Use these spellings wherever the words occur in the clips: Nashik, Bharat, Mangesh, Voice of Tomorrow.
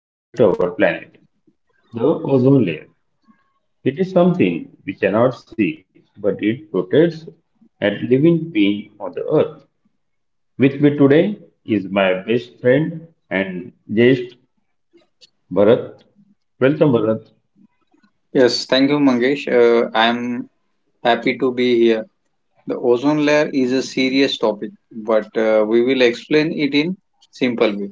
related to our planet, the ozone layer. It is something we cannot see, but it protects every living being on the earth. With me today is my best friend and guest Bharat. Welcome Bharat. Yes, thank you, Mangesh. I'm happy to be here. The ozone layer is a serious topic, but we will explain it in simple way.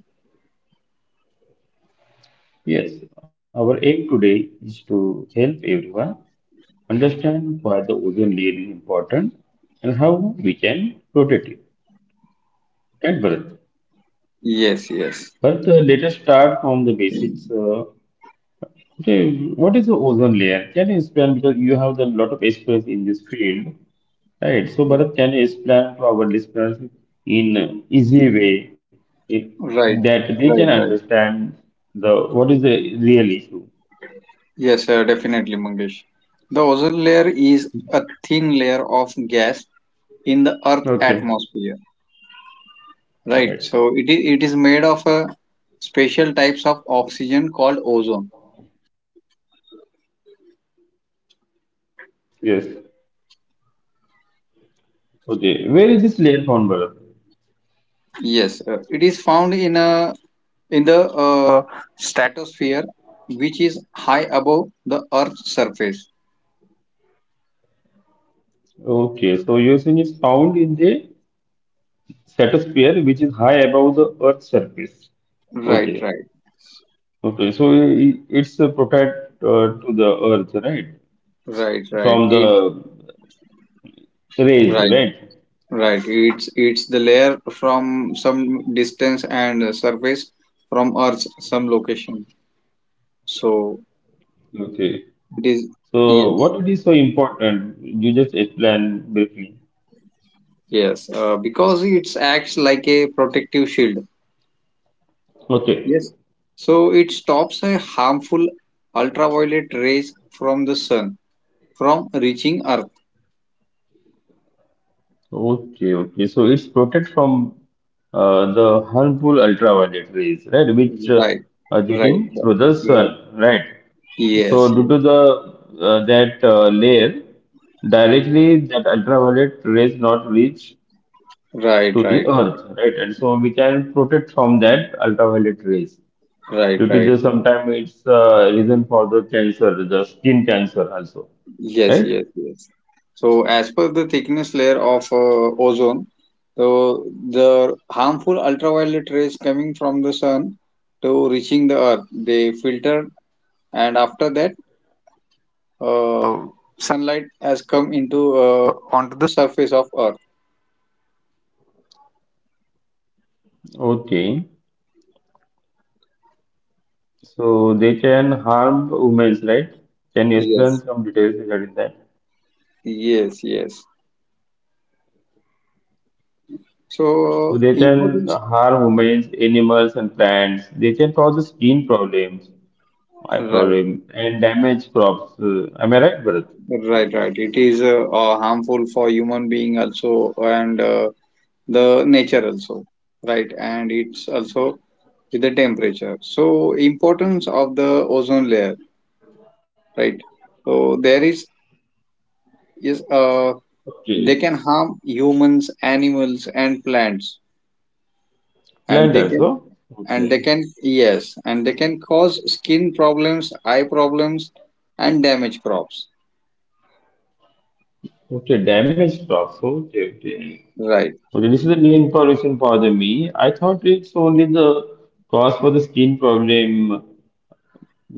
Yes, our aim today is to help everyone understand why the ozone layer is important and how we can protect it. Right, Bharat? Yes, yes. But let us start from the basics. Okay, what is the ozone layer? Can you explain, because you have a lot of expertise in this field, right? So, Bharat, can you explain to our listeners in easy way, eh, Right, that they can right, right. understand the what is the real issue? Yes, definitely, Mangesh. The ozone layer is a thin layer of gas in the Earth Okay, atmosphere, right? right. So it is made of a special types of oxygen called ozone. Yes. Okay, where is this layer found, Bharat? Yes, it is found in a in the stratosphere, which is high above the Earth's surface. Okay, so eosine is found in the stratosphere, which is high above the Earth's surface. Right, Okay, right, okay, so it's a protect to the Earth, right? right, right. From the rays, right, right? right. it's the layer from some distance and surface from Earth's some location. So Okay, it is. so Yes, what it is so important? You just explain briefly. yes. Because it acts like a protective shield. Okay. Yes. So it stops a harmful ultraviolet rays from the sun from reaching Earth. Okay, okay. So it's protect from the harmful ultraviolet rays, right? Which Right, are right, getting through right, the sun, right. right? So Yes, due yes. to the that layer, directly that ultraviolet rays not reach Right, to the right, right, earth, right? And so we can protect from that ultraviolet rays. right, Due to right. the sometimes it's reason for the cancer, the skin cancer also, Yes, right? yes, yes. So, as per the thickness layer of ozone, so the harmful ultraviolet rays coming from the sun to reaching the earth, they filter, and after that, uh, sunlight has come into onto the surface of earth. Okay. So they can harm women, right? Can you explain Yes, some details regarding that? yes, yes. So So, they can importance. harm women, animals, and plants. They can cause skin problems, eye Right, problem, and damage crops. Am I right, Bharat? right, right. It is harmful for human being also and the nature also, right? And it's also with the temperature. So importance of the ozone layer, right? So there is they Okay. can harm humans, animals, and plants, and Plant also. Okay. They can cause skin problems, eye problems, and damage crops. Okay, damage crops. Okay, okay. Right, Okay, this is a new information for the me. I thought it's only the cause for the skin problem,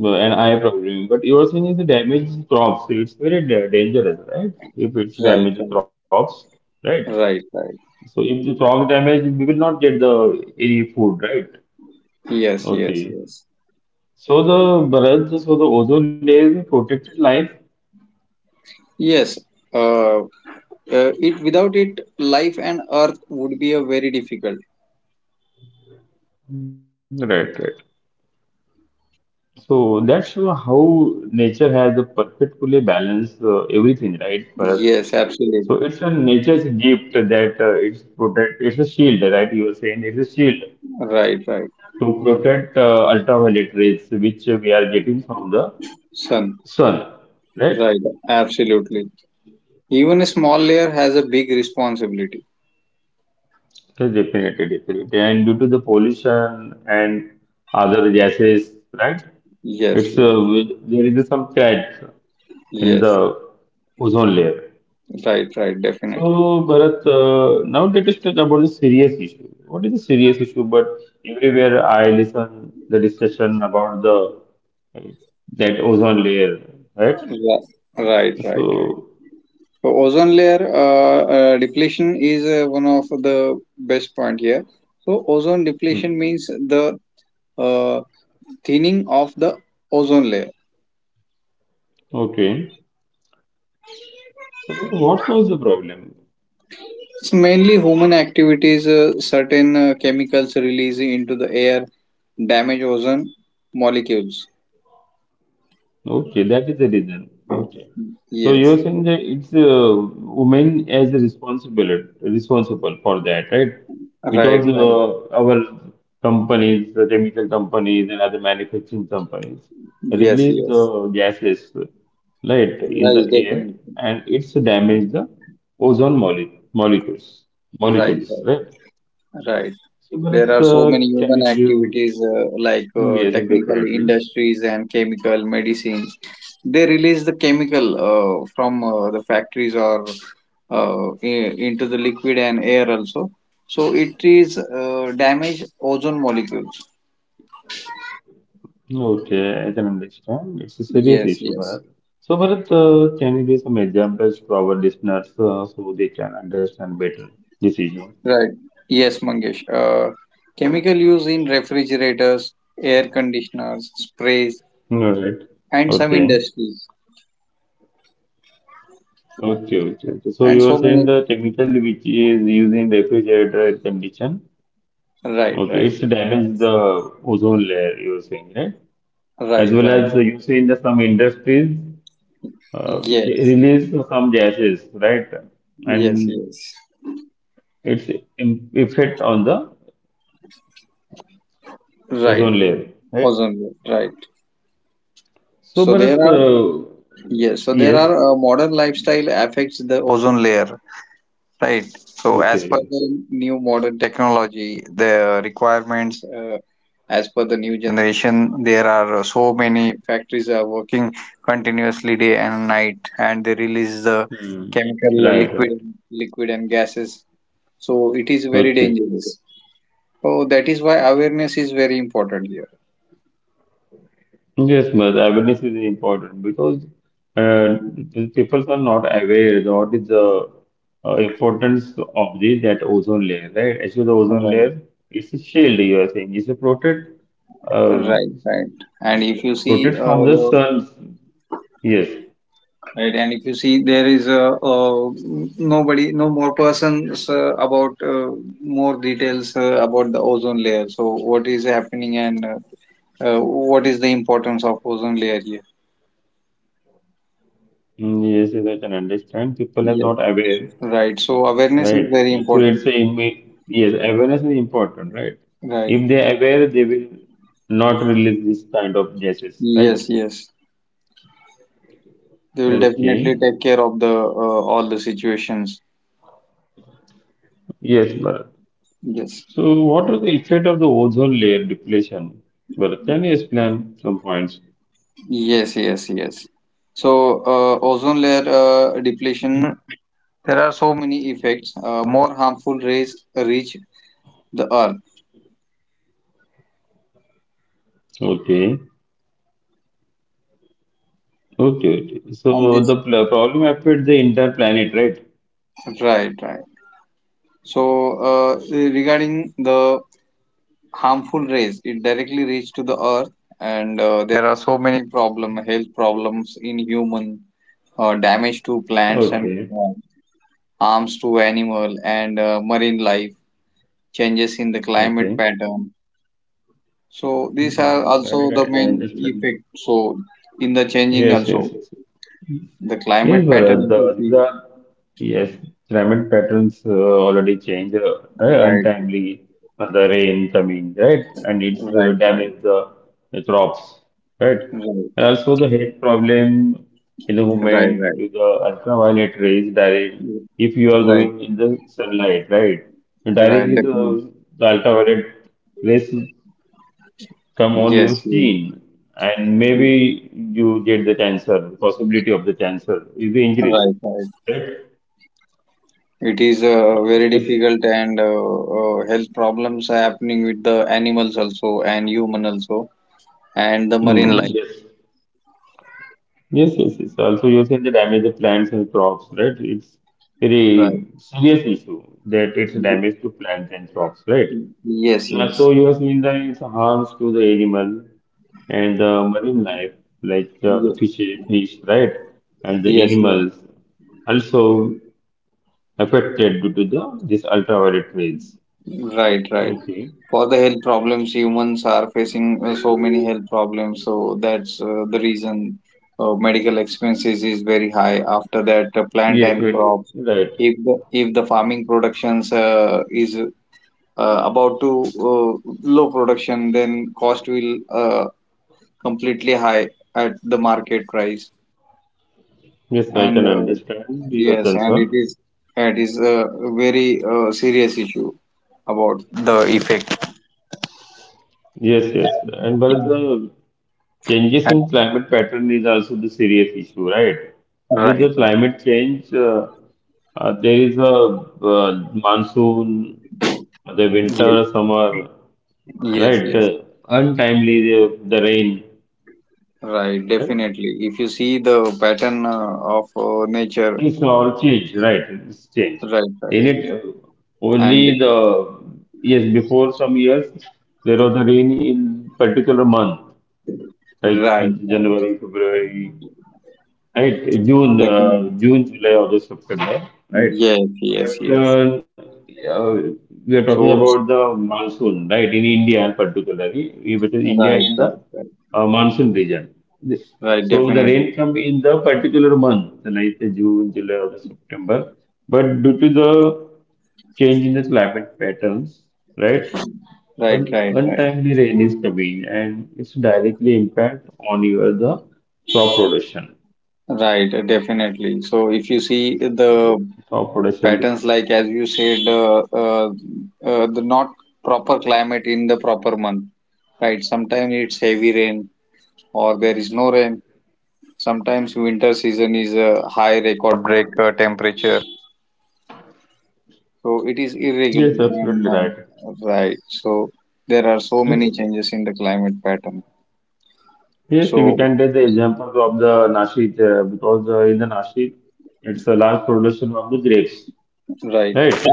an eye problem. But you are saying is the damaged crops, so it's very dangerous, right? If it's right, damaged right, crops, right? right, right. So if the crop damage, we will not get the any food, right? Yes, yes, Okay. yes. So the Bharat, so the ozone layer protected life, Yes, uh, uh, it without it, life and Earth would be a very difficult. right? Right. So that's how nature has a perfectly balanced everything, right, Bharat? Yes, So absolutely. it's a nature's gift that it's protect. It's a shield, right? You are saying it's a shield Right, right. to protect ultraviolet rays which we are getting from the Sun. sun, right? Right, absolutely. Even a small layer has a big responsibility. So definitely, definitely, and due to the pollution and other gases, right, Yes, it's yes, there is some crack in the yes. ozone layer. Right, right. So Definitely. Bharat, now let us talk about the serious issue. What is the serious issue? But everywhere I listen the discussion about the that ozone layer, right? Ra- Right, right, right. So, So ozone layer depletion is one of the best point here. So ozone hmm. depletion means the uh, thinning of the ozone layer. Okay. Suppose what was the problem? It's mainly human activities, certain chemicals released into the air, damage ozone molecules. Okay, that is the reason. Okay. So you're Yes, saying that it's women as responsible for that, right? right, Because right. Our companies, the chemical companies and other manufacturing companies Yes, release yes. the gases, right, in Right, the air, definitely. and it's damage the ozone mole molecules, Right, molecules, right? right, right. So, There are Bharat, so many can you human activities like give, yes, technical indefinitely? industries and chemical medicines. They release the chemical from the factories or into the liquid and air also. So it is damage ozone molecules. Okay, I can understand. It's a serious Yes, issue, yes. Bharat. So, Bharat, can you give some examples to our listeners so they can understand better this issue? Right. Yes, Mangesh. Chemical use in refrigerators, air conditioners, sprays, All right. and some Okay. industries, Okay, okay, okay. So, and you are so saying many. the chemical which is used in refrigerator, air condition, Right, okay, right, it's damaged the ozone layer, you are saying, right? As right, well right. as you say in the some industries Yes, release some gases, right? yes, And yes. its effect on the ozone Right. layer, right? Ozone layer. Right. So, So there Bharat, are. Yes. So there yes, are modern lifestyle affects the ozone layer. Right. So, as per okay. the new modern technology, the requirements, as per the new generation, there are so many factories are working continuously day and night, and they release the Hmm. chemical uh, Right, liquid, right. liquid and gases. So, it is very Okay. dangerous. So, that is why awareness is very important here. Yes, but awareness is important because uh, people are not aware what is the importance of the that ozone layer, right? Actually, the ozone Right. layer is a shield, you are saying. It's a protect, uh, Right. Right. And if you see protect from the the. sun. Yes. Right, and if you see, there is a uh, nobody, no more persons about more details about the ozone layer. So, what is happening and what is the importance of ozone layer here? Mm, yes, yes, I can understand. People are not aware. Yes. Right. So, Right. awareness So is it's very a, important. Yes, awareness is important, right? If they Right. are aware, they will not release this kind of gases, right? Yes. Yes. They will Okay. definitely take care of the all the situations. Yes, Bharat. Yes. So what was the effect of the ozone layer depletion? Bharat, can you explain some points? Yes. Yes. Yes. So, ozone layer depletion. There are so many effects. More harmful rays reach the earth Okay. Okay, okay. on So this. the problem affects the entire planet, right? Right, right. So uh, regarding the harmful rays, it directly reach to the earth, and there are so many problem health problems in human, damage to plants Okay. and uh, harms to animal and marine life, changes in the Okay. climate pattern. So these Hmm, are right, also the right, I main understand. effect. So in the Yes, changing yes, also yes. the Yes, climate pattern Bharat, if you these see. are, yes, climate patterns already change, Right, untimely, the rain coming, right? And it's right, right, damage the crops, right? And right, also the health problem in the right, movement right. to the ultraviolet rays direct, if you are Right, going in the sunlight, right? right, Directly definitely. The ultraviolet rays some on Yes, use yes. gene, and Mm, maybe you get the cancer. Possibility of the cancer is increased, right, right. right? It is very Yes, difficult, and health problems are happening with the animals also, and human also, and the marine mm, life. yes, yes, yes, yes. Also, you said the damage the plants and crops, right? It's Right. very serious issue that it's damage to plants and crops, right? Yes, And yes, also, you have seen that it's harms to the animal and the marine life, like the Ye- fish, right? And the yes, yes. animals. Also, affected due to the these ultraviolet rays. Right, right. Okay. For the health problems, humans are facing so many health problems, so that's the reason medical expenses is very high. After that, plant Yes, and crop, but right. if the farming productions is about to low production, then cost will completely high at the market price, Yes, I and can uh, understand your yes, and it concern. is it is a very serious issue about the effect. Yes, yes. And but the changes in climate pattern is also the serious issue, right? Due to Right. the Right. climate change, there is a monsoon, the winter, summer, Yes, right? yes. The untimely the rain, Right, right? definitely. If you see the pattern of nature, It's all changed, right? It's changed. right, right. In it, And only the, yes, before some years there was a rain in particular month, like right, right. January, February, right? June, Definitely. June, July, August, September, right? Yes, yes, But yes. Uh, we are talking So, about the monsoon, right? In India, particularly, we because right, India in the right, right, monsoon region. The- right, So the rain definitely. come in the particular month, like the June, July, August, September. But due to the change in the climate patterns, right? Right, Un- right, right, Untimely rain is coming and it's directly impact on your the crop production right, definitely. So, if you see of the production. patterns, like as you said, the not proper climate in the proper month, right? Sometimes it's heavy rain or there is no rain. Sometimes winter season is a high record break temperature. So, it is Yes, irregular absolutely right. and right. So, there are so Yes, many changes in the climate pattern. yes, we So, can take the example of the Nashik, because in the Nashik, it's a large production of the grapes, right, right?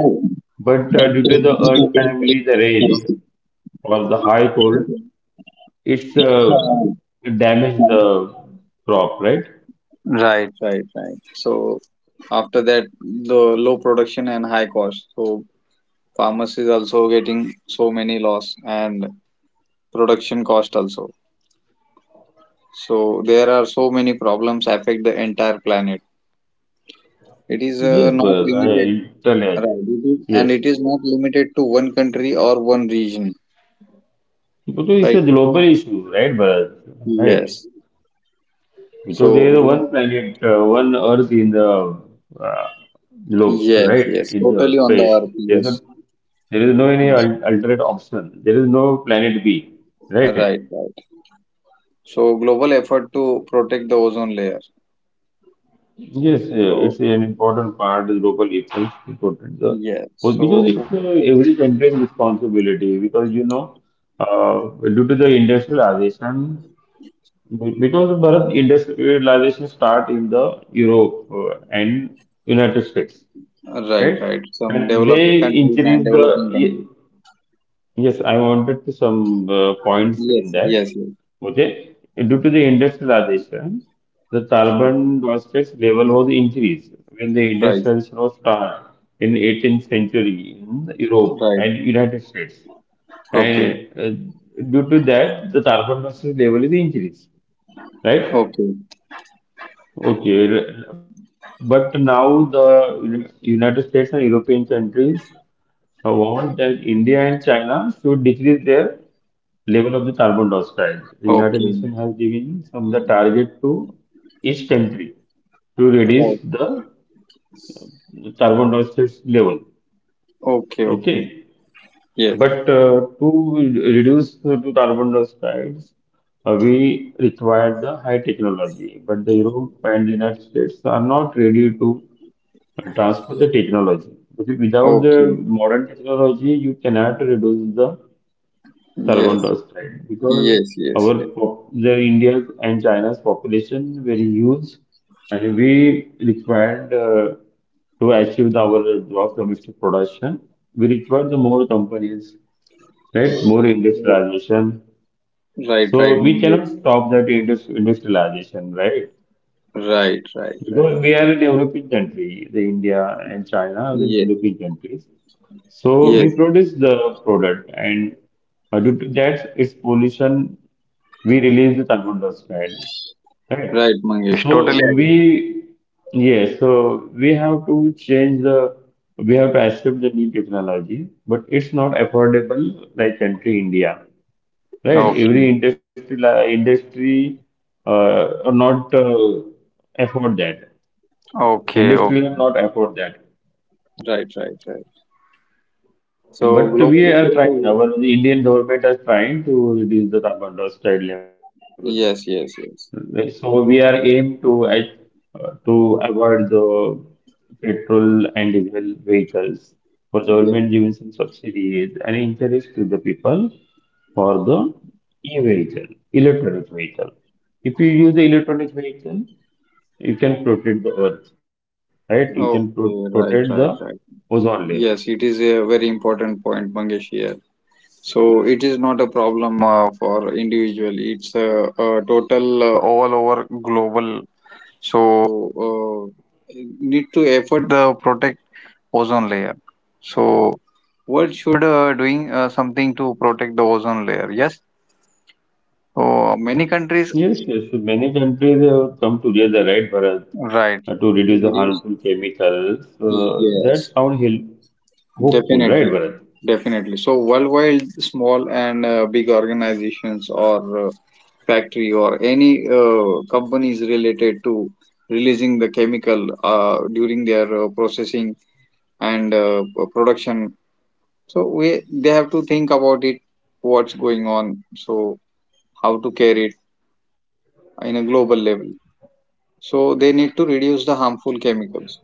But due to the untimely the rain or the high cold, it's it damaged the crop, right? right, right, right. So after that, the low production and high cost. So farmers is also getting so many loss and production cost also. So there are so many problems affect the entire planet. It is Yes, not Bharat, limited, I totally right? agree. It is, and Yes, it is not limited to one country or one region, because it's a right? global issue, right, Bharat? Right. Yes. Because there So is glo- one planet, one Earth in the uh, globe, yes, right? yes, In the totally on the space, earth. there is no, Yes, there is no any yes. Alternate option. There is no planet B, right? Right, right. So global effort to protect the ozone layer. Yes, So. it's an important part. The global efforts important. Yeah, Well, because it's so every country's responsibility. Because you know, due to the industrialization, because Bharat industrialization start in the Europe and United States, right, right? right. Some And they developed countries and increase the, developing ye- countries. yes, I wanted to some points in Yes, that. yes, yes. Okay, due to the industrialization, the carbon dioxide level was increased when the Right, industrialization was started in 18th century in Europe right. and United States, and Okay, due to that, the carbon dioxide level is increased, right? okay, Okay, but now the United States and European countries, I want that India and China should decrease their level of the carbon dioxide. The United okay. Nations has given some the target to each country to Right, reduce the carbon dioxide level. okay, okay. Okay, Yes, but to reduce the to carbon dioxide, we require the high technology. But the Europe and the United States are not ready to transfer the technology. Because without the okay. modern technology, you cannot reduce the carbon Yes, dioxide, right? Because yes, yes, our yes. pop, the India's and China's population very huge, and we required to achieve the- our gross domestic production, we require the more companies, right? More Yeah. industrialization. Right, So right, we cannot Mangesh. stop that industrialization, right? Right, right, right. Because we are a developing country, the India and China are the Yes, developing countries. So we yes, produce the product, and due to that, its pollution, we release the carbon dioxide, right? right, Mangesh. So we, yes, so we have to change the, we have to accept the new technology, but it's not affordable like country India, right? Okay, Every industry, industry, are not afford that. okay, Industry will okay. not afford that. Right, right, right. So But global. we are trying, our the Indian government is trying to reduce the carbon dioxide level. Yes, yes, yes. Right, so we are aim to to avoid the petrol and diesel vehicles. For Yeah. government giving some subsidies and encourage to the people for the e-vehicle, electronic vehicle. If you use the electronic vehicle, you can protect the earth, right? You can Okay, protect right, the right, right. ozone layer. Yes, it is a very important point, Mangesh here. So it is not a problem for individual. It's a total all over global. So need to effort the protect ozone layer. So world should doing something to protect the ozone layer. Yes. So many countries. Yes, yes. So many countries have come together, right, Bharat, Right. To reduce the Reduce. harmful chemicals. That Yes, sound hopeful, right, definitely. Bharat? Definitely. So worldwide, small and big organizations are factory or any companies related to releasing the chemical during their processing and production, so we they have to think about it, what's going on. So how to care it in a global level, so they need to reduce the Yes, harmful Bharat. chemicals.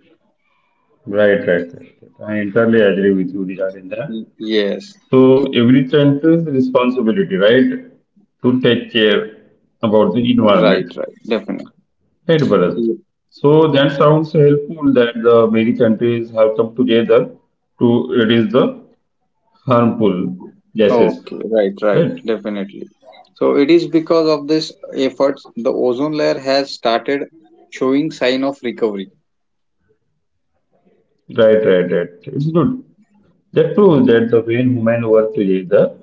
Right, right, right, right, I entirely agree with you regarding that. Y- So every yes, country's responsibility, right, to take care about the environment, right, right, right, definitely. Bharat? So Yeah. that sounds helpful that the many countries have come together to reduce the harmful gases. Okay, right, Right, right, definitely. So it is because of this efforts the ozone layer has started showing sign of recovery. right, right, right. It's good. That proves that the way women work together,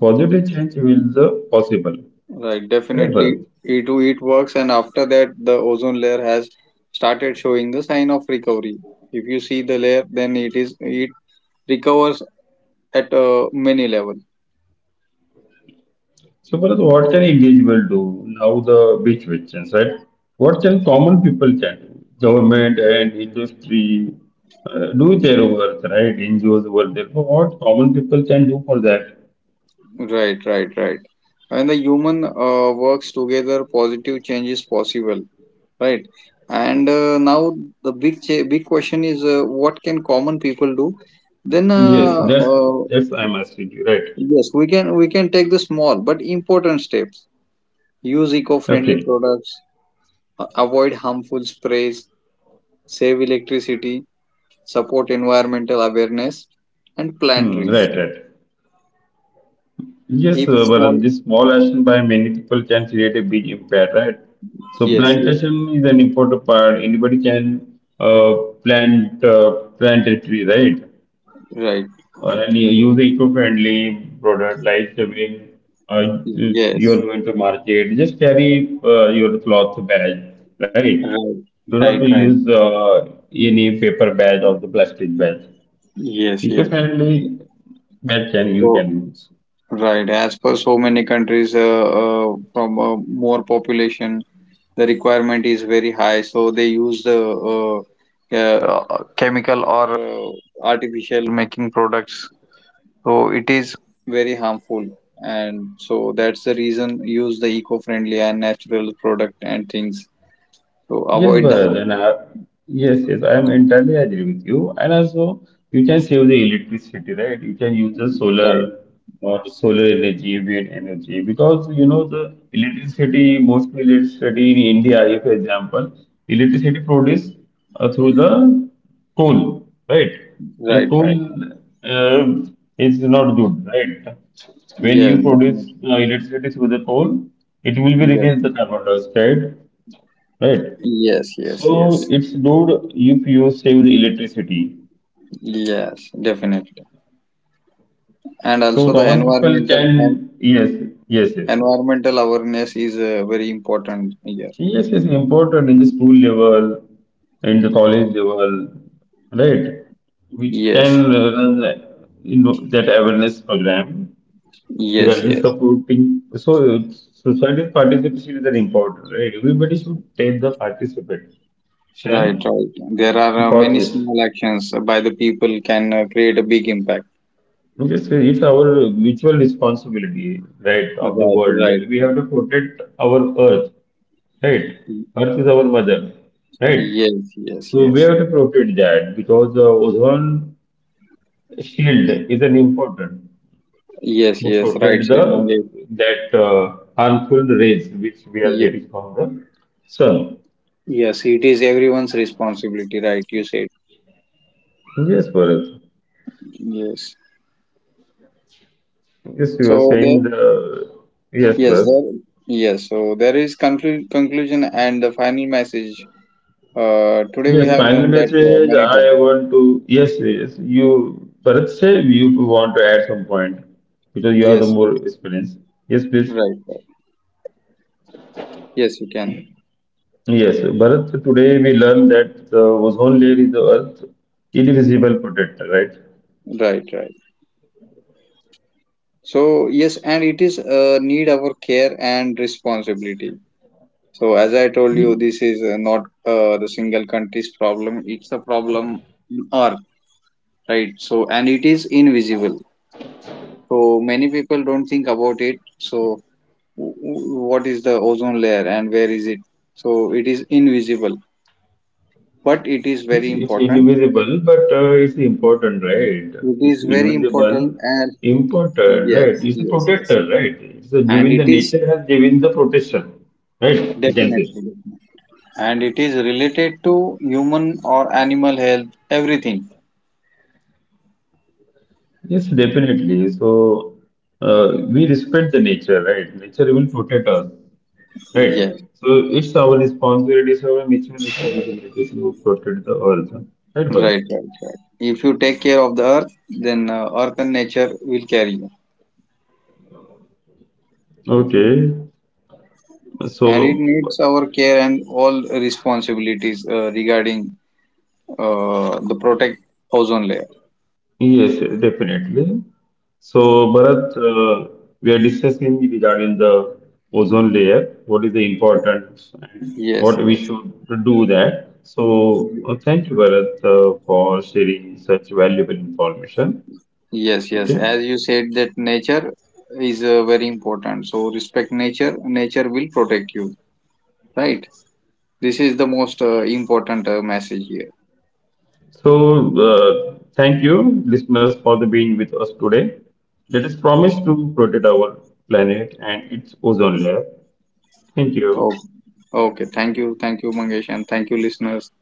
the positive change will the possible. Right, Right, definitely. Bharat? E to it works, and after that, the ozone layer has started showing the sign of recovery. If you see the layer, then it recovers at many level. So, Bharat, what can individual do now? The big questions, right? What can common people can? Government and industry do their work, right? NGOs work their work. What common people can do for that? Right, right, right. When the human works together, positive change is possible. Right, and now the big question is what can common people do? Then Yes, that's I'm asking you, right? Yes, we can take the small but important steps. Use eco-friendly Okay. products, A- avoid harmful sprays, save electricity, support environmental awareness, and plant Hmm, right, trees. right. Yes, If the but small, this small action by many people can create a big impact, right? So yes, yes, plantation is an important part. Anybody can plant uh, plant a tree, right? right, And you use eco-friendly product, like when uh, you yes, are going to market, just carry your cloth bag, right? right, Do not right, right, use any paper bag or the plastic bag. yes, yes. Eco-friendly bag can you So, can use. right, as per so many countries, from more population, the requirement is very high, so they use the uh, chemical or artificial making products. So it is very harmful, and so that's the reason, use the eco-friendly and natural product and things so Yes, avoid the Bharat, harm. and I, yes, yes, I am entirely agree with you. And also, you can save the electricity, right? You can use the solar, Right, solar energy, wind energy, because you know the electricity, mostly electricity in India, if for example, electricity produced through the coal, right? And right, coal right. uh, is not good, right? When Yes, you produce definitely. Electricity through the coal, it will be Yes, released the carbon dioxide, right? yes, yes, So yes, it's good if you save the electricity. yes, definitely. And So also the common people environmental can, and yes, yes, yes. environmental awareness is very important here. Yes, it's important in the school level, in the college level, right? We Yes, can run in that awareness program that yes, is yes, supporting. So society participation is very important, right? Everybody should take the participation right, right. There are for many this. small actions by the people can create a big impact. Yes, it's our mutual responsibility, right, Right, of the world right, that we right. have to protect our earth, right? Earth is our mother, right? Yes, yes, So we yes. have to protect that because the ozone shield is an important Yes, to yes, right protect the said Mangesh. that harmful rays which we are Yeah, getting from the sun. yes, it is everyone's responsibility, right? You said. Yes, Bharat. Yes. Yes, you were So there, saying the, yes, yes, Bharat. there, yes. So there is conclusion and the final message. Today we Yes, have final learned that message. many I topics. want to. Yes, yes. You, Bharat, say you want to add some point because you have the Yes, more yes, experience. Yes, please. right, right. Yes, you can. Yes, Bharat. Today we learned that the ozone layer is the Earth's invisible protector, right? Right, right. So yes, and it is need our care and responsibility. So as I told you, It- this is not the single country's problem. It's a problem. In our, right. So and it is invisible, so many people don't think about it. So what is the ozone layer and where is it, so it is invisible, but it is very it's important. invisible, but it's important, right? It It's is very invisible, important, and important, right? yes, It's a yes, yes, protector, right? It's a and given it the is nature has given the protection, right? We can say. definitely, and it is related to human or animal health, everything. Yes, definitely. So we respect the nature, right? Nature will protect us, right? Yes, So it's our responsibility, it's our mutual responsibility to protect the earth, right, Bharat? right, right, right. If you take care of the earth, then earth and nature will carry you. Okay. And it So needs our care and all responsibilities regarding the protect ozone layer. yes, definitely. So Bharat, we are discussing regarding the ozone layer. What is the importance and Yes, what we yes, should do that. So thank you, Bharat, for sharing such valuable information. yes, yes, Okay. as you said that nature is very important, so respect nature, nature will protect you, right. This is the most important message here. So, thank you, listeners, for the being with us today. Let us promise to protect our planet and its ozone layer. Thank Oh, you. okay, thank you, thank you, Mangesh, and thank you, listeners.